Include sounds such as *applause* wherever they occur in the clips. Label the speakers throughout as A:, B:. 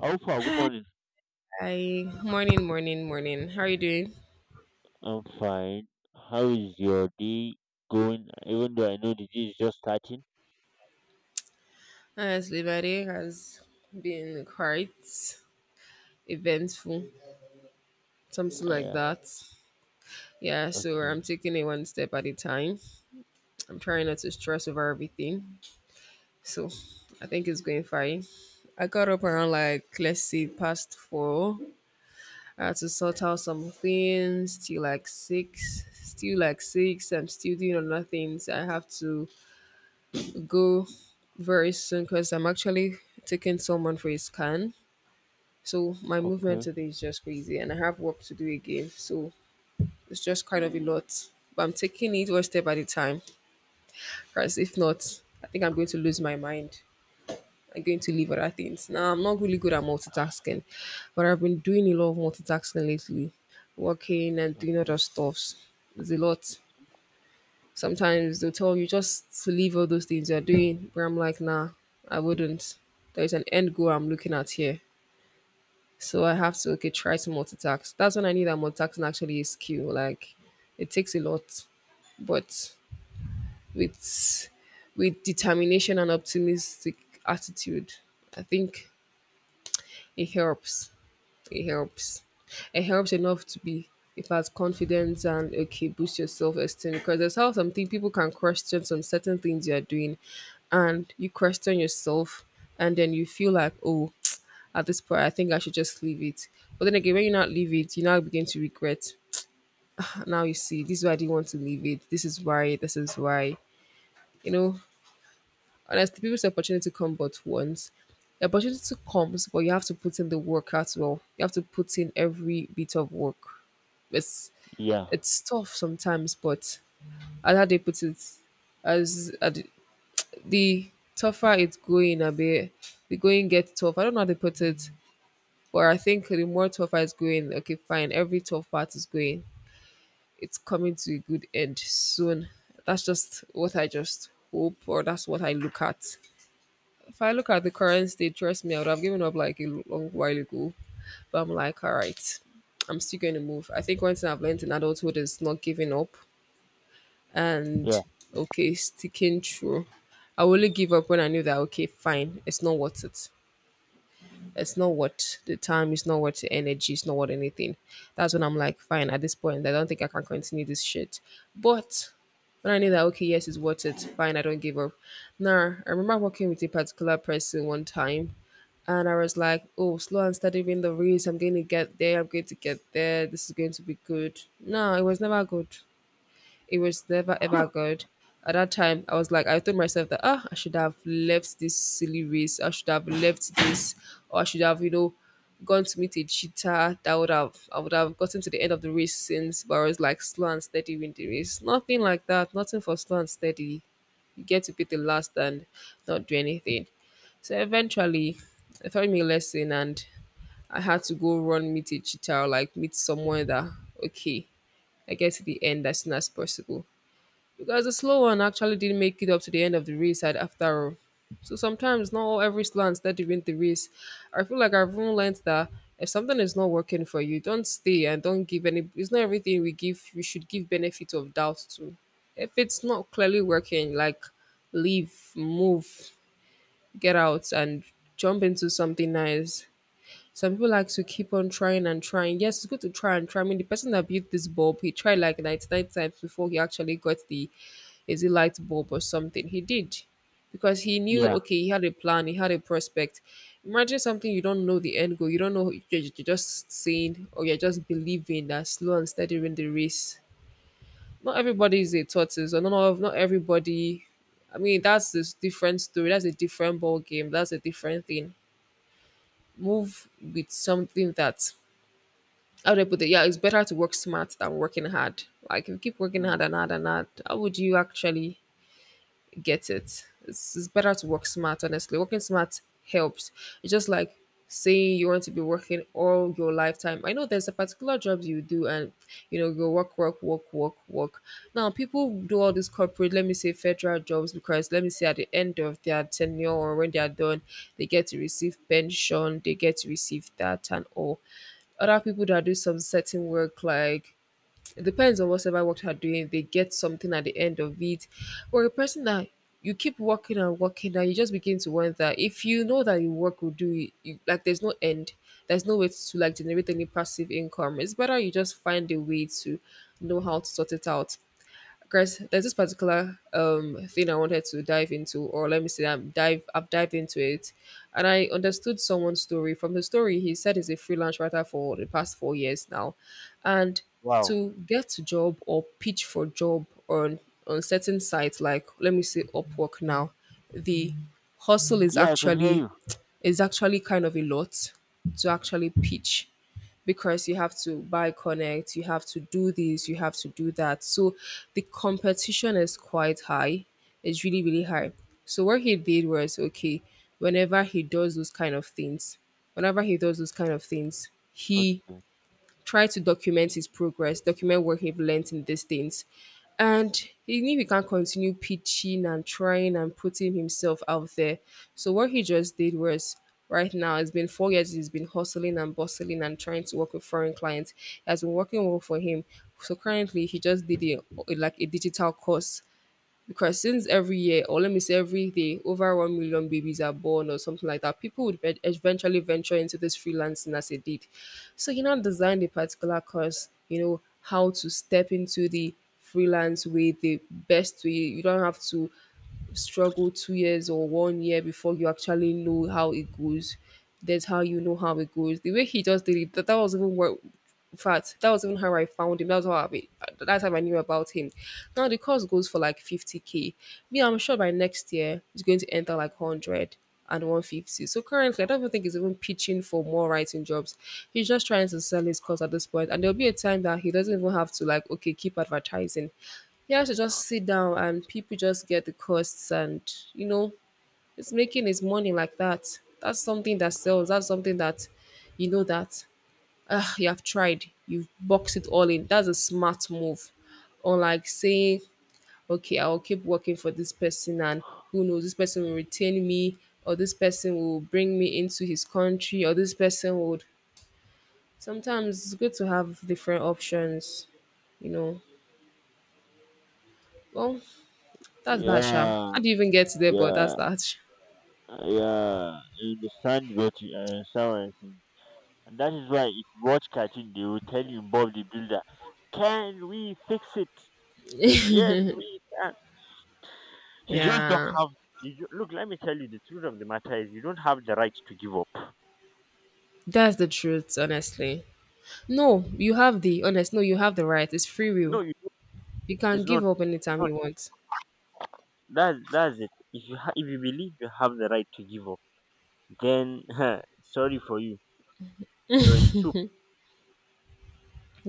A: How far, good morning.
B: Hi, morning, morning, morning. How are you doing?
A: I'm fine. How is your day going? Even though I know the day is just starting.
B: Honestly, my day has been quite eventful, something like
A: Yeah.
B: that. Yeah, so
A: Okay.
B: I'm taking it one step at a time. I'm trying not to stress over everything. So I think it's going fine. I got up around like, let's see, past four. I had to sort out some things till like six. Still like six. I'm still doing other things. I have to go very soon because I'm actually taking someone for a scan. So my movement
A: Okay.
B: today is just crazy and I have work to do again. So it's just kind of a lot. But I'm taking it one step at a time. Because if not, I think I'm going to lose my mind. I'm going to leave other things. Now I'm not really good at multitasking, but I've been doing a lot of multitasking lately. Working and doing other stuffs. It's a lot. Sometimes they'll tell you just to leave all those things you're doing. But I'm like, nah, I wouldn't. There's an end goal I'm looking at here. So I have to, okay, try to multitask. That's when I knew that multitasking actually is skill. Like it takes a lot. But with with determination and optimistic attitude, I think it helps. It helps. It helps enough to be if has confidence and, okay, boost your self esteem. Because there's how something people can question some certain things you are doing and you question yourself and then you feel like, oh, *tsk* at this point I think I should just leave it. But then again when you not leave it, you now begin to regret. Now you see this is why I didn't want to leave it. This is why, this is why. You know, and as honestly, people's opportunity come but once. The opportunity comes, but you have to put in the work as well. You have to put in every bit of work. It's
A: Yeah.
B: it's tough sometimes, but as how they put it, as the the tougher it's going a bit, the going gets tough. I don't know how they put it, but I think the more tougher it's going, okay, fine. Every tough part is going. It's coming to a good end soon. That's just what I just hope, or that's what I look at. If I look at the current state, trust me, I would have given up like a long while ago. But I'm like, all right, I'm still going to move. I think one thing I've learned in adulthood is not giving up
A: Yeah.
B: and, okay, sticking true. I only give up when I knew that, okay, fine, it's not worth it. It's not worth the time. It's not worth the energy. It's not worth anything. That's when I'm like, fine. At this point, I don't think I can continue this shit. But when I knew that, okay, yes, it's worth it. Fine, I don't give up. Now, I remember working with a particular person one time, and I was like, oh, slow and steady win the race. I'm going to get there. I'm going to get there. This is going to be good. No, it was never good. It was never ever good. At that time, I was like, I told myself that, ah, I should have left this silly race. I should have left this, or I should have, you know, gone to meet a cheater. That would have, I would have gotten to the end of the race since. But I was like slow and steady win the race. Nothing like that. Nothing for slow and steady. You get to be the last and not do anything. So eventually, I taught me a lesson, and I had to go run meet a cheetah, or like meet someone that, okay, I get to the end as soon as possible because the slow one actually didn't make it up to the end of the race at after all. So sometimes not all every slant that you win the race. I feel like I've even learned that if something is not working for you, don't stay and don't give any it's not everything we give we should give benefit of doubt to. If it's not clearly working, like leave, move, get out and jump into something nice. Some people like to keep on trying and trying. Yes, it's good to try and try. I mean, the person that built this bulb, he tried like 99 times before he actually got the, is it light bulb or something? He did. Because he knew,
A: Yeah.
B: okay, he had a plan, he had a prospect. Imagine something you don't know the end goal. You don't know, you're just saying or you're just believing that slow and steady win the race. Not everybody is a tortoise, or not everybody. I mean, that's a different story. That's a different ball game. That's a different thing. Move with something that, how do I put it? Yeah, it's better to work smart than working hard. Like, if you keep working hard
A: Mm.
B: and hard and hard, how would you actually get it. It's better to work smart, honestly. Working smart helps. It's just like saying you want to be working all your lifetime. I know there's a particular job you do and you know you work, work, work, work, work. Now people do all these corporate, let me say federal jobs because let me say at the end of their tenure or when they are done, they get to receive pension, they get to receive that and all other people that do some certain work like it depends on whatever work you're doing. They get something at the end of it. Or a person that you keep working and working and you just begin to wonder if you know that your work will do it, you, like there's no end. There's no way to like generate any passive income. It's better you just find a way to know how to sort it out. Chris, there's this particular thing I wanted to dive into, or let me say I've dived into it, and I understood someone's story. From the story, he said he's a freelance writer for the past 4 years now, and
A: Wow.
B: to get a job or pitch for job on certain sites like let me say Upwork now, the hustle is
A: Yeah, I can hear
B: actually
A: you.
B: kind of a lot to actually pitch because you have to buy connect, you have to do this, you have to do that. So the competition is quite high. It's really, really high. So what he did was, okay, whenever he does those kind of things, whenever he does those kind of things, he
A: Okay.
B: try to document his progress, document what he've learned in these things. And even if he can't continue pitching and trying and putting himself out there. So what he just did was right now, it's been 4 years, he's been hustling and bustling and trying to work with foreign clients. It has been working well for him. So currently he just did a, like a digital course because since every year or let me say every day over 1 million babies are born or something like that people would ve- eventually venture into this freelancing as they did so you know designed a particular course you know how to step into the freelance way the best way you don't have to struggle 2 years or one year before you actually know how it goes. That's how you know how it goes. The way he just did it, that was even what, in fact, that was even how I found him. That's how I knew about him. Now the course goes for like 50K. Me, I'm sure by next year it's going to enter like hundred and one fifty. So currently, I don't even think he's even pitching for more writing jobs. He's just trying to sell his course at this point, and there'll be a time that he doesn't even have to like, okay, keep advertising. He has to just sit down and people just get the costs and, you know, it's making his money like that. That's something that sells. That's something that, you know, that, ah, you have tried. You've boxed it all in. That's a smart move. Unlike saying, okay, I'll keep working for this person and who knows, this person will retain me or this person will bring me into his country or this person would sometimes it's good to have different options, you know. Well, that's that, Sha. How
A: Yeah.
B: do you even get there? But that's
A: Yeah.
B: that.
A: Yeah. I understand what you're saying. And that is why if you watch cartoon, they will tell you Bob the Builder, can we fix it? Yes, we can. You just don't
B: Yeah,
A: have. Look, let me tell you, the truth of the matter is you don't have the right to give up.
B: that's the truth, honestly. No, you have the honest. No, you have the right. It's free will.
A: No, you don't.
B: You can
A: It's
B: give
A: not.
B: up
A: You
B: anytime
A: don't.
B: you want.
A: That's it. If you believe you have the right to give up, then *laughs* sorry for you. You're in soup.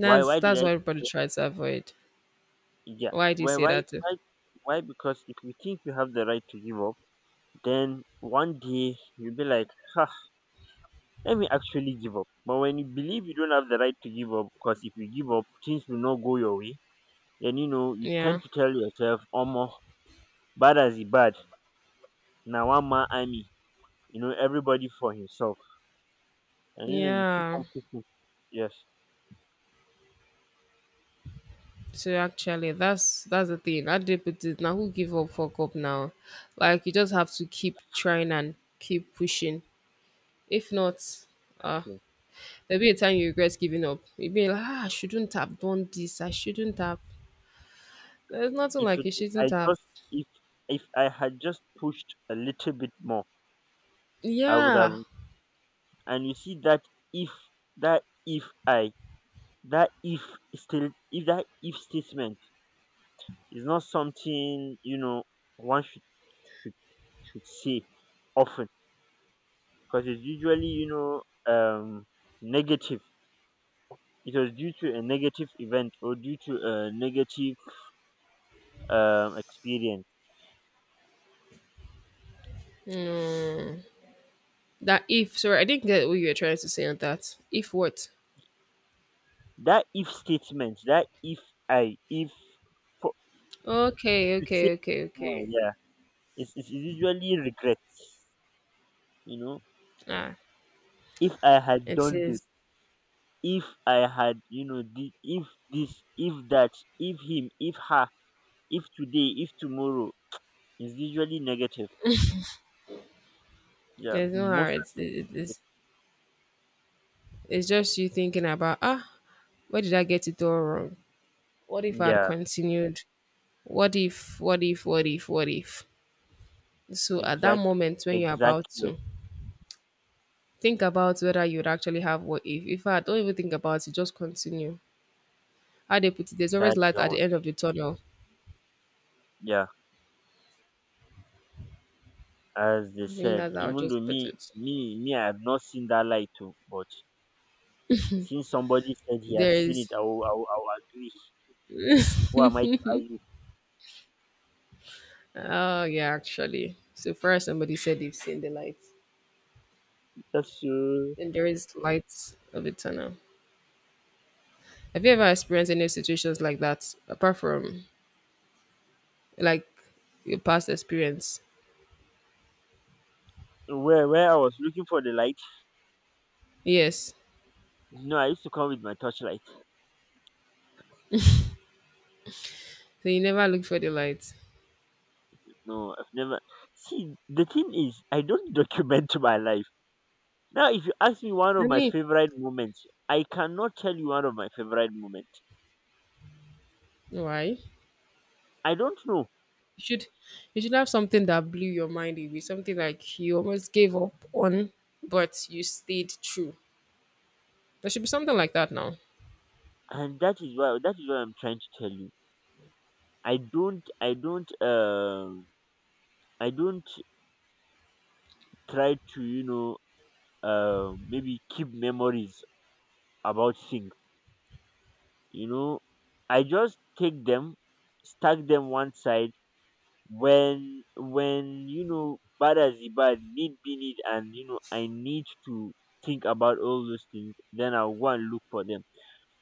A: Why? Why did
B: That's
A: I
B: what
A: say
B: everybody
A: so?
B: tries to avoid.
A: Yeah.
B: Why do you
A: Why?
B: say
A: Why?
B: that? Too?
A: Why? Why? Because if you think you have the right to give up, then one day you'll be like, huh, let me actually give up. But when you believe you don't have the right to give up, because if you give up, things will not go your way, then you know, you tend
B: Yeah,
A: to tell yourself omo, bad as he bad, na one man army, you know everybody for himself, and you know you keep
B: yeah.
A: on pushing. Yes.
B: So actually, that's the thing. I did put it. Now who give up? Fuck up now. Like you just have to keep trying and keep pushing. If not, uh,
A: True.
B: there'll be a time you regret giving up. You'll be like, ah, I shouldn't have done this. I shouldn't have. There's nothing
A: if
B: like
A: it,
B: you
A: if
B: shouldn't
A: i
B: have.
A: just if if i had just pushed a little bit more, I would have.
B: Yeah,
A: And you see that, if that if I that if still if that if statement is not something, you know, one should say often, because it's usually, you know, um negative. It was due to a negative event or due to a negative experience.
B: that if. Sorry, I didn't get what you were trying to say on that. If what?
A: That if statement, that if I, if for,
B: Okay,
A: to say,
B: okay, okay,
A: now,
B: okay.
A: yeah, it's usually regrets. You know,
B: Ah,
A: if I had
B: it
A: done this,
B: is.
A: if I had, you know, if this, if that, if him, if her, if today, if tomorrow, is usually negative. Yeah,
B: There's no hard.
A: most of the time, it-
B: It's just you thinking about, ah, where did I get it all wrong? What if I had
A: yeah,
B: continued? What if, what if, what if, what if? So at that
A: exact,
B: moment when you're about
A: exactly.
B: to think about whether you'd actually have what if I don't even think about it, just continue. How they put it, there's always
A: That's
B: light at the
A: all.
B: end of the tunnel.
A: Yeah, as they
B: I think
A: said.
B: that's how I
A: Even though
B: just put
A: me,
B: it.
A: me, me, I have not seen that light too, but since somebody said he
B: There
A: has seen
B: is.
A: it, I will agree. Who am I
B: Oh yeah, actually. So far, somebody said they've seen the light,
A: That's
B: and there is lights of the tunnel. Have you ever experienced any situations like that, apart from like your past experience?
A: where I was looking for the light.
B: Yes.
A: No, I used to come with my torchlight.
B: So you never look for the light.
A: No, I've never. See, the thing is, I don't *laughs* document my life. Now, if you ask me one
B: I
A: of my
B: mean,
A: favorite moments, I cannot tell you one of my favorite moments.
B: why?
A: I don't know,
B: You should you should have something that blew your mind away, something like you almost gave up on, but you stayed true. There should be something like that now.
A: and that is why, that is what I'm trying to tell you. I don't, I don't, um, I don't try to, you know, maybe keep memories about things, you know. I just take them, stack them one side. When you know, bad as the bad need be need, and you know, I need to think about all those things, then I'll go and look for them.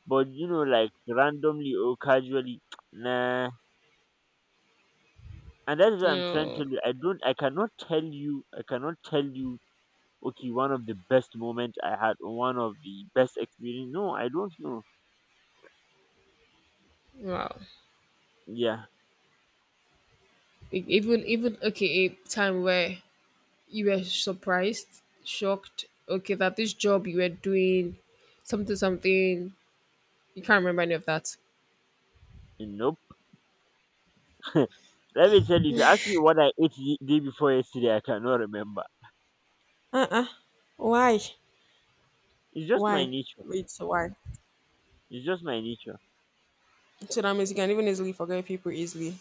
A: But you know, like randomly or casually, *tsk* nah. And that's what
B: You
A: I'm trying to
B: know,
A: tell you. I cannot tell you, I cannot tell you, okay, one of the best moment I had, one of the best experience. No, I don't know.
B: wow.
A: Yeah,
B: Even okay, a time where you were surprised, shocked, okay, that this job you were doing, something, something, you can't remember any of that.
A: nope. *laughs* Let me tell you, if you ask me what I ate the day before yesterday, I cannot remember.
B: Uh-uh. Why?
A: It's just my
B: Why?
A: nature.
B: It's why.
A: It's just my nature.
B: So that means you can even easily forget people easily.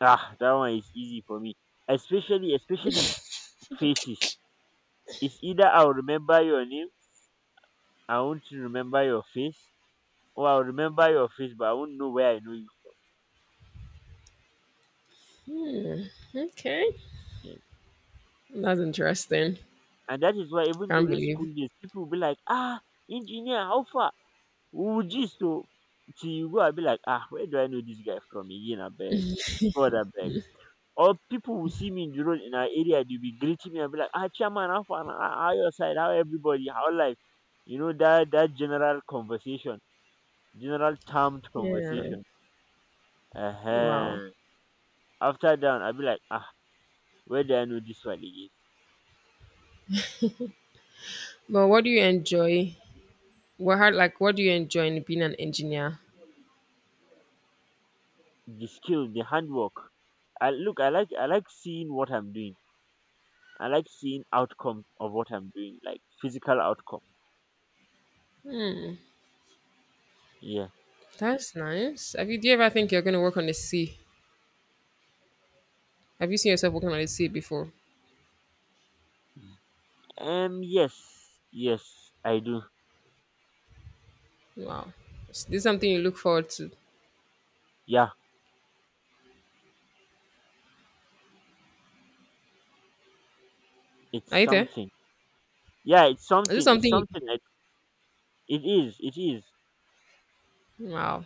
A: Ah, that one is easy for me. Especially faces. It's either I'll remember your name, I won't remember your face, or I'll remember your face, but I won't know where I know you.
B: Okay,
A: Yes.
B: that's interesting.
A: And that is why, even
B: Can't
A: during
B: believe.
A: school days, people will be like, ah, engineer, how far? We would gist oh, till you go and be like, ah, where do I know this guy from again? I beg, God, I beg. Or people will see me in the road in our area, they'll be greeting me and be like, ah, chairman, how far? How your side? How everybody? How life? You know that that general conversation, general termed
B: Yeah.
A: conversation. Uh
B: Wow.
A: huh. After that, I'll be like, ah, where do I know this one again?
B: But what do you enjoy? Like what do you enjoy in being an engineer?
A: The skill, the handwork. I like seeing what I'm doing. I like seeing outcome of what I'm doing, like physical outcome. Yeah.
B: That's nice. Have you Do you ever think you're gonna work on the sea? Have you seen yourself working on the sea before?
A: Yes, I do.
B: Wow. Is this something you look forward to?
A: Yeah, it's
B: Are you there?
A: something. Yeah, it's
B: Is it
A: something. It's
B: something?
A: something. It is. It is.
B: Wow,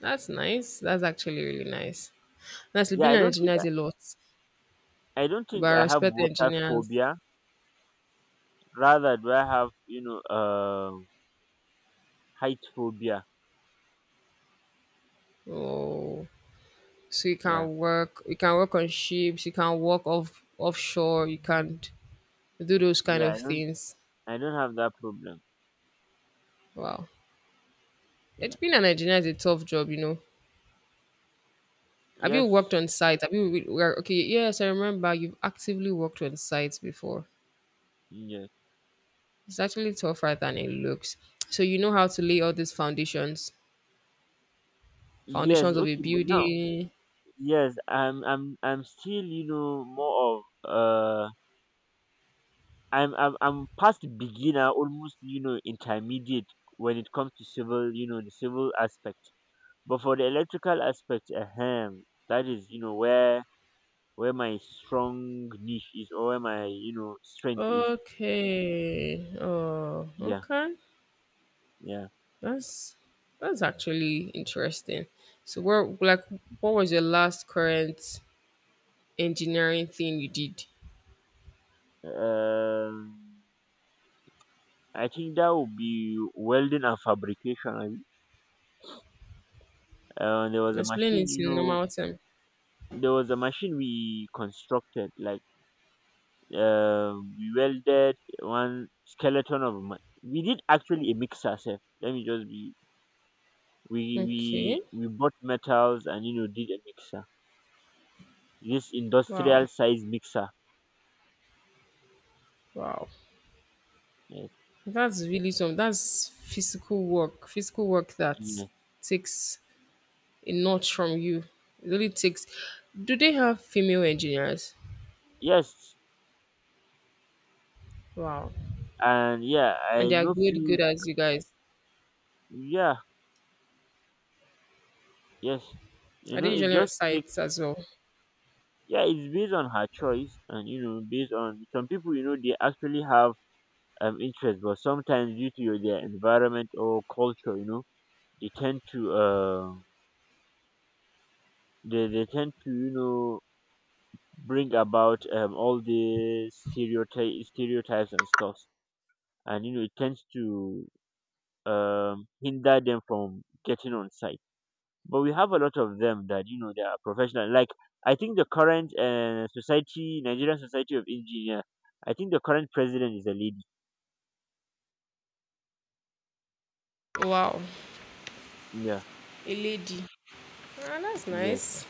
B: that's nice. That's actually really nice. Honestly,
A: Yeah,
B: being
A: I
B: an
A: don't think.
B: engineer is a lot,
A: I don't
B: but I
A: think I have
B: respect
A: water
B: engineers.
A: phobia. Rather, do I have, you know, height phobia?
B: Oh, so
A: Yeah,
B: you can work on ships, you can work off offshore, you can do those kind
A: yeah.
B: of things.
A: I don't have that problem.
B: Wow, it's
A: Yeah.
B: being an engineer is a tough job, you know. Have you worked
A: Yes.
B: on site? Have you re- were- okay? Yes, I remember you've actively worked on sites before.
A: Yes.
B: It's actually tougher than it looks. So you know how to lay all these foundations.
A: Yes.
B: Foundations of a
A: Okay. But now,
B: building.
A: yes. I'm. I'm. I'm still. You know, more of uh I'm past beginner, almost, you know, intermediate when it comes to civil, you know, the civil aspect. But for the electrical aspect, ahem, that is, you know, where my strong niche is, or where my, you know, strength is.
B: Okay. Oh,
A: Yeah,
B: okay.
A: yeah.
B: That's that's actually interesting. So what? like what was your last current engineering thing you did?
A: Um, I think that would be welding and fabrication. I mean. Uh, there was a
B: Explain
A: machine,
B: it
A: you
B: in
A: know,
B: normal term.
A: there was a machine we constructed, like, we welded one skeleton of man. We did actually a mix ourselves. Let me just be. We
B: Okay.
A: we we bought metals and, you know, did a mixer. This industrial
B: Wow.
A: size mixer.
B: Wow.
A: Yes.
B: That's really some that's physical work. Physical work that
A: Yes.
B: takes a notch from you. It really takes do they have female engineers?
A: Yes.
B: Wow.
A: And yeah,
B: And
A: I
B: they are
A: know few.
B: good as you guys.
A: Yeah. Yes. You
B: Are they
A: know, it
B: usually on
A: just like,
B: site as well?
A: yeah, it's based on her choice, and you know, based on some people. You know, they actually have interest, but sometimes due to their environment or culture, you know, they tend to uh they tend to, you know, bring about all these stereotypes and stuff. And you know, it tends to hinder them from getting on site. But we have a lot of them that, you know, they are professional, like, I think the current society Nigerian Society of Engineer, I think the current president is a lady.
B: Wow,
A: Yeah.
B: a lady. Ah, that's
A: Yes.
B: nice.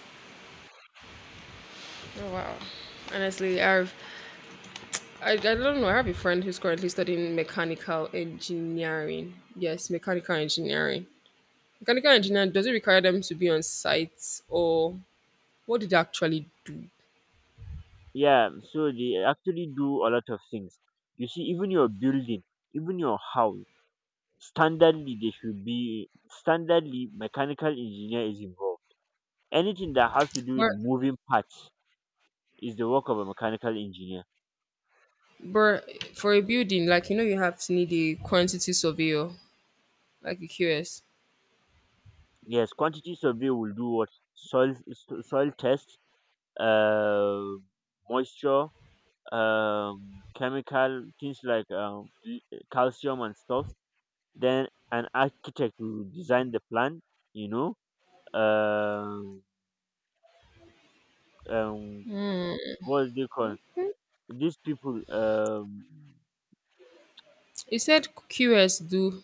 B: Oh, wow. Honestly, I don't know. I have a friend who's currently studying mechanical engineering. Yes, mechanical engineering. Mechanical engineering, does it require them to be on site, or what did they actually do?
A: Yeah, so they actually do a lot of things. You see, even your building, even your house, standardly they should be standardly, mechanical engineer is involved. Anything that has to do with
B: But,
A: moving parts is the work of a mechanical engineer.
B: but for a building, like you know, you have to need a quantity surveyor, like a QS.
A: Yes, quantity survey will do what? Soil test, uh, moisture, chemical things like calcium and stuff. Then an architect will design the plan. You know, um, um, what is they called? These people.
B: It said QS do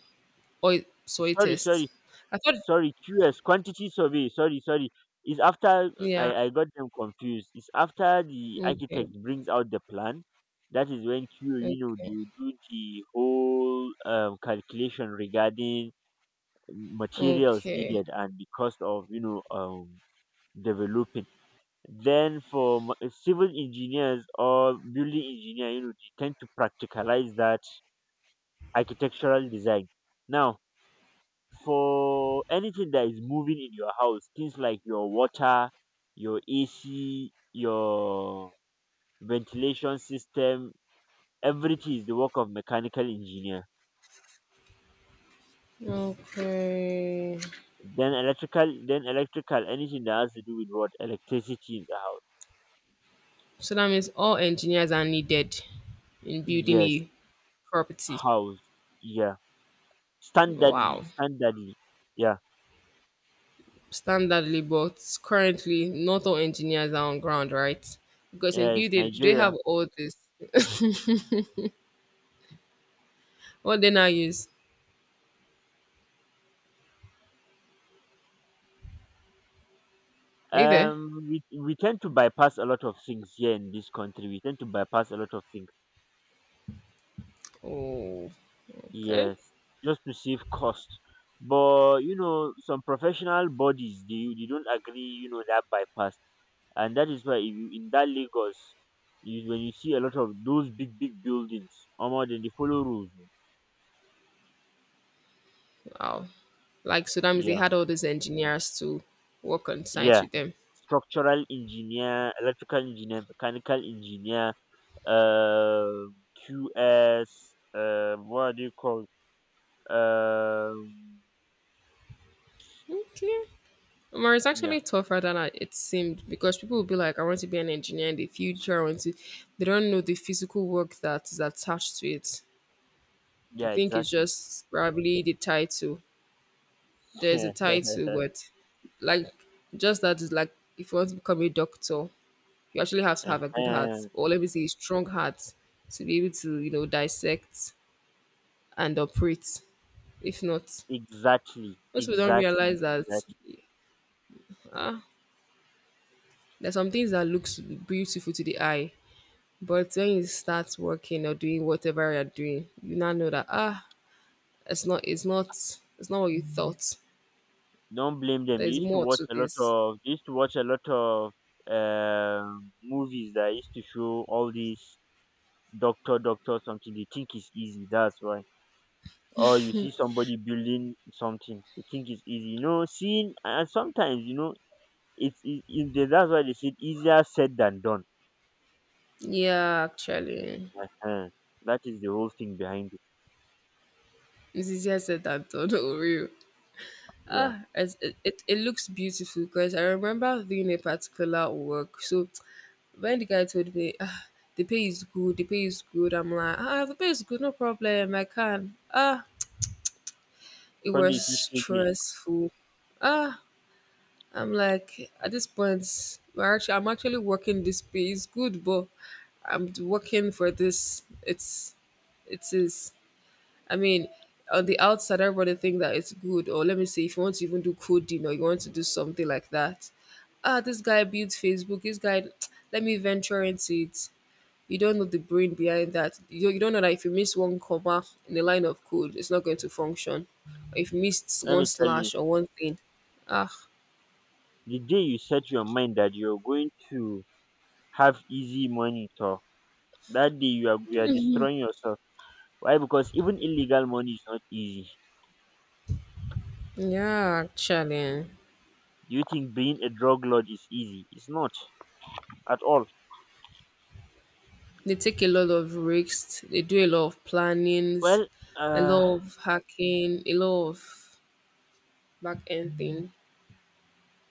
B: oil soil
A: Sorry, sorry,
B: test. I thought,
A: sorry QS, quantity survey sorry sorry It's after
B: yeah,
A: I got them confused. It's after the
B: okay,
A: architect brings out the plan. That is when Q you know,
B: okay.
A: you do the whole calculation regarding materials
B: Okay.
A: needed and the cost of, you know, developing. Then for civil engineers or building engineer, you know, they tend to practicalize that architectural design. Now, for anything that is moving in your house, things like your water, your AC, your ventilation system, everything is the work of mechanical engineer.
B: Okay.
A: Then electrical, anything that has to do with what electricity in the house.
B: So that means all engineers are needed in building
A: Yes,
B: a property.
A: house. Yeah, standardly,
B: Wow.
A: standardly. Yeah,
B: Standardly, but currently not all engineers are on ground, right? Because in
A: yes,
B: building, do they have
A: Nigeria.
B: all this? What they now use? Are you there?
A: We tend to bypass a lot of things here in this country. We tend to bypass a lot of things.
B: Oh, okay.
A: Yes, just to save cost. But you know, some professional bodies, they don't agree. You know, that bypass, and that is why if you in that Lagos, when you see a lot of those big big buildings, more than they follow rules. O.
B: Wow. Like, so that means they
A: Yeah,
B: had all these engineers to work on site
A: yeah.
B: with them.
A: Structural engineer, electrical engineer, mechanical engineer, uh, QS, what do you call? Um,
B: Okay. Umar, it's
A: yeah,
B: actually tougher than I, it seemed because people will be like, I want to be an engineer in the future. I want to, they don't know the physical work that is attached to it. They
A: yeah,
B: think it's
A: exactly.
B: just probably the title. There's a
A: *laughs*
B: title, but like, just that is like, if you want to become a doctor, you actually have to have a good heart,
A: Uh-huh.
B: or let me say, a strong heart to be able to, you know, dissect and operate. If not,
A: Exactly,
B: most people don't
A: exactly,
B: realize that
A: exactly.
B: ah, there's some things that looks beautiful to the eye. But when you start working or doing whatever you're doing, you now know that ah, it's not what you thought.
A: Don't blame them.
B: There is more to this.
A: They used to watch a lot of movies that used to show all these doctor, doctor something. They think it's easy, that's why. Or you see somebody building something, you think it's easy. You know, seeing, and sometimes, you know, that's why they said, easier said than done.
B: Yeah, actually.
A: uh That is the whole thing behind it.
B: It's easier said than done, *laughs* for real.
A: Yeah.
B: Ah, it looks beautiful because I remember doing a particular work. So when the guy told me, ah, the pay is good, I'm like, ah, the pay is good, no problem, I can. Ah, it
A: When they
B: was
A: see shady,
B: stressful. Ah, I'm like, at this point, I'm actually working, this pay is good, but I'm working for this. It's, it is. I mean, on the outside, everybody think that it's good. Or let me say, if you want to even do coding or you want to do something like that, ah, this guy built Facebook. This guy, *tsk* let me venture into it. You don't know the brain behind that. You don't know that if you miss one comma in the line of code, it's not going to function. Or if you missed
A: let
B: one
A: me tell you,
B: slash or one thing, ah.
A: the day you set your mind that you're going to have easy money tor That day, you are destroying yourself. Why? Because even illegal money is not easy.
B: Yeah, actually, eh,
A: Do you think being a drug lord is easy? It's not at all.
B: they take a lot of risks. They do a lot of plannings,
A: Well,
B: a
A: uh
B: lot of hacking, a lot of back end things.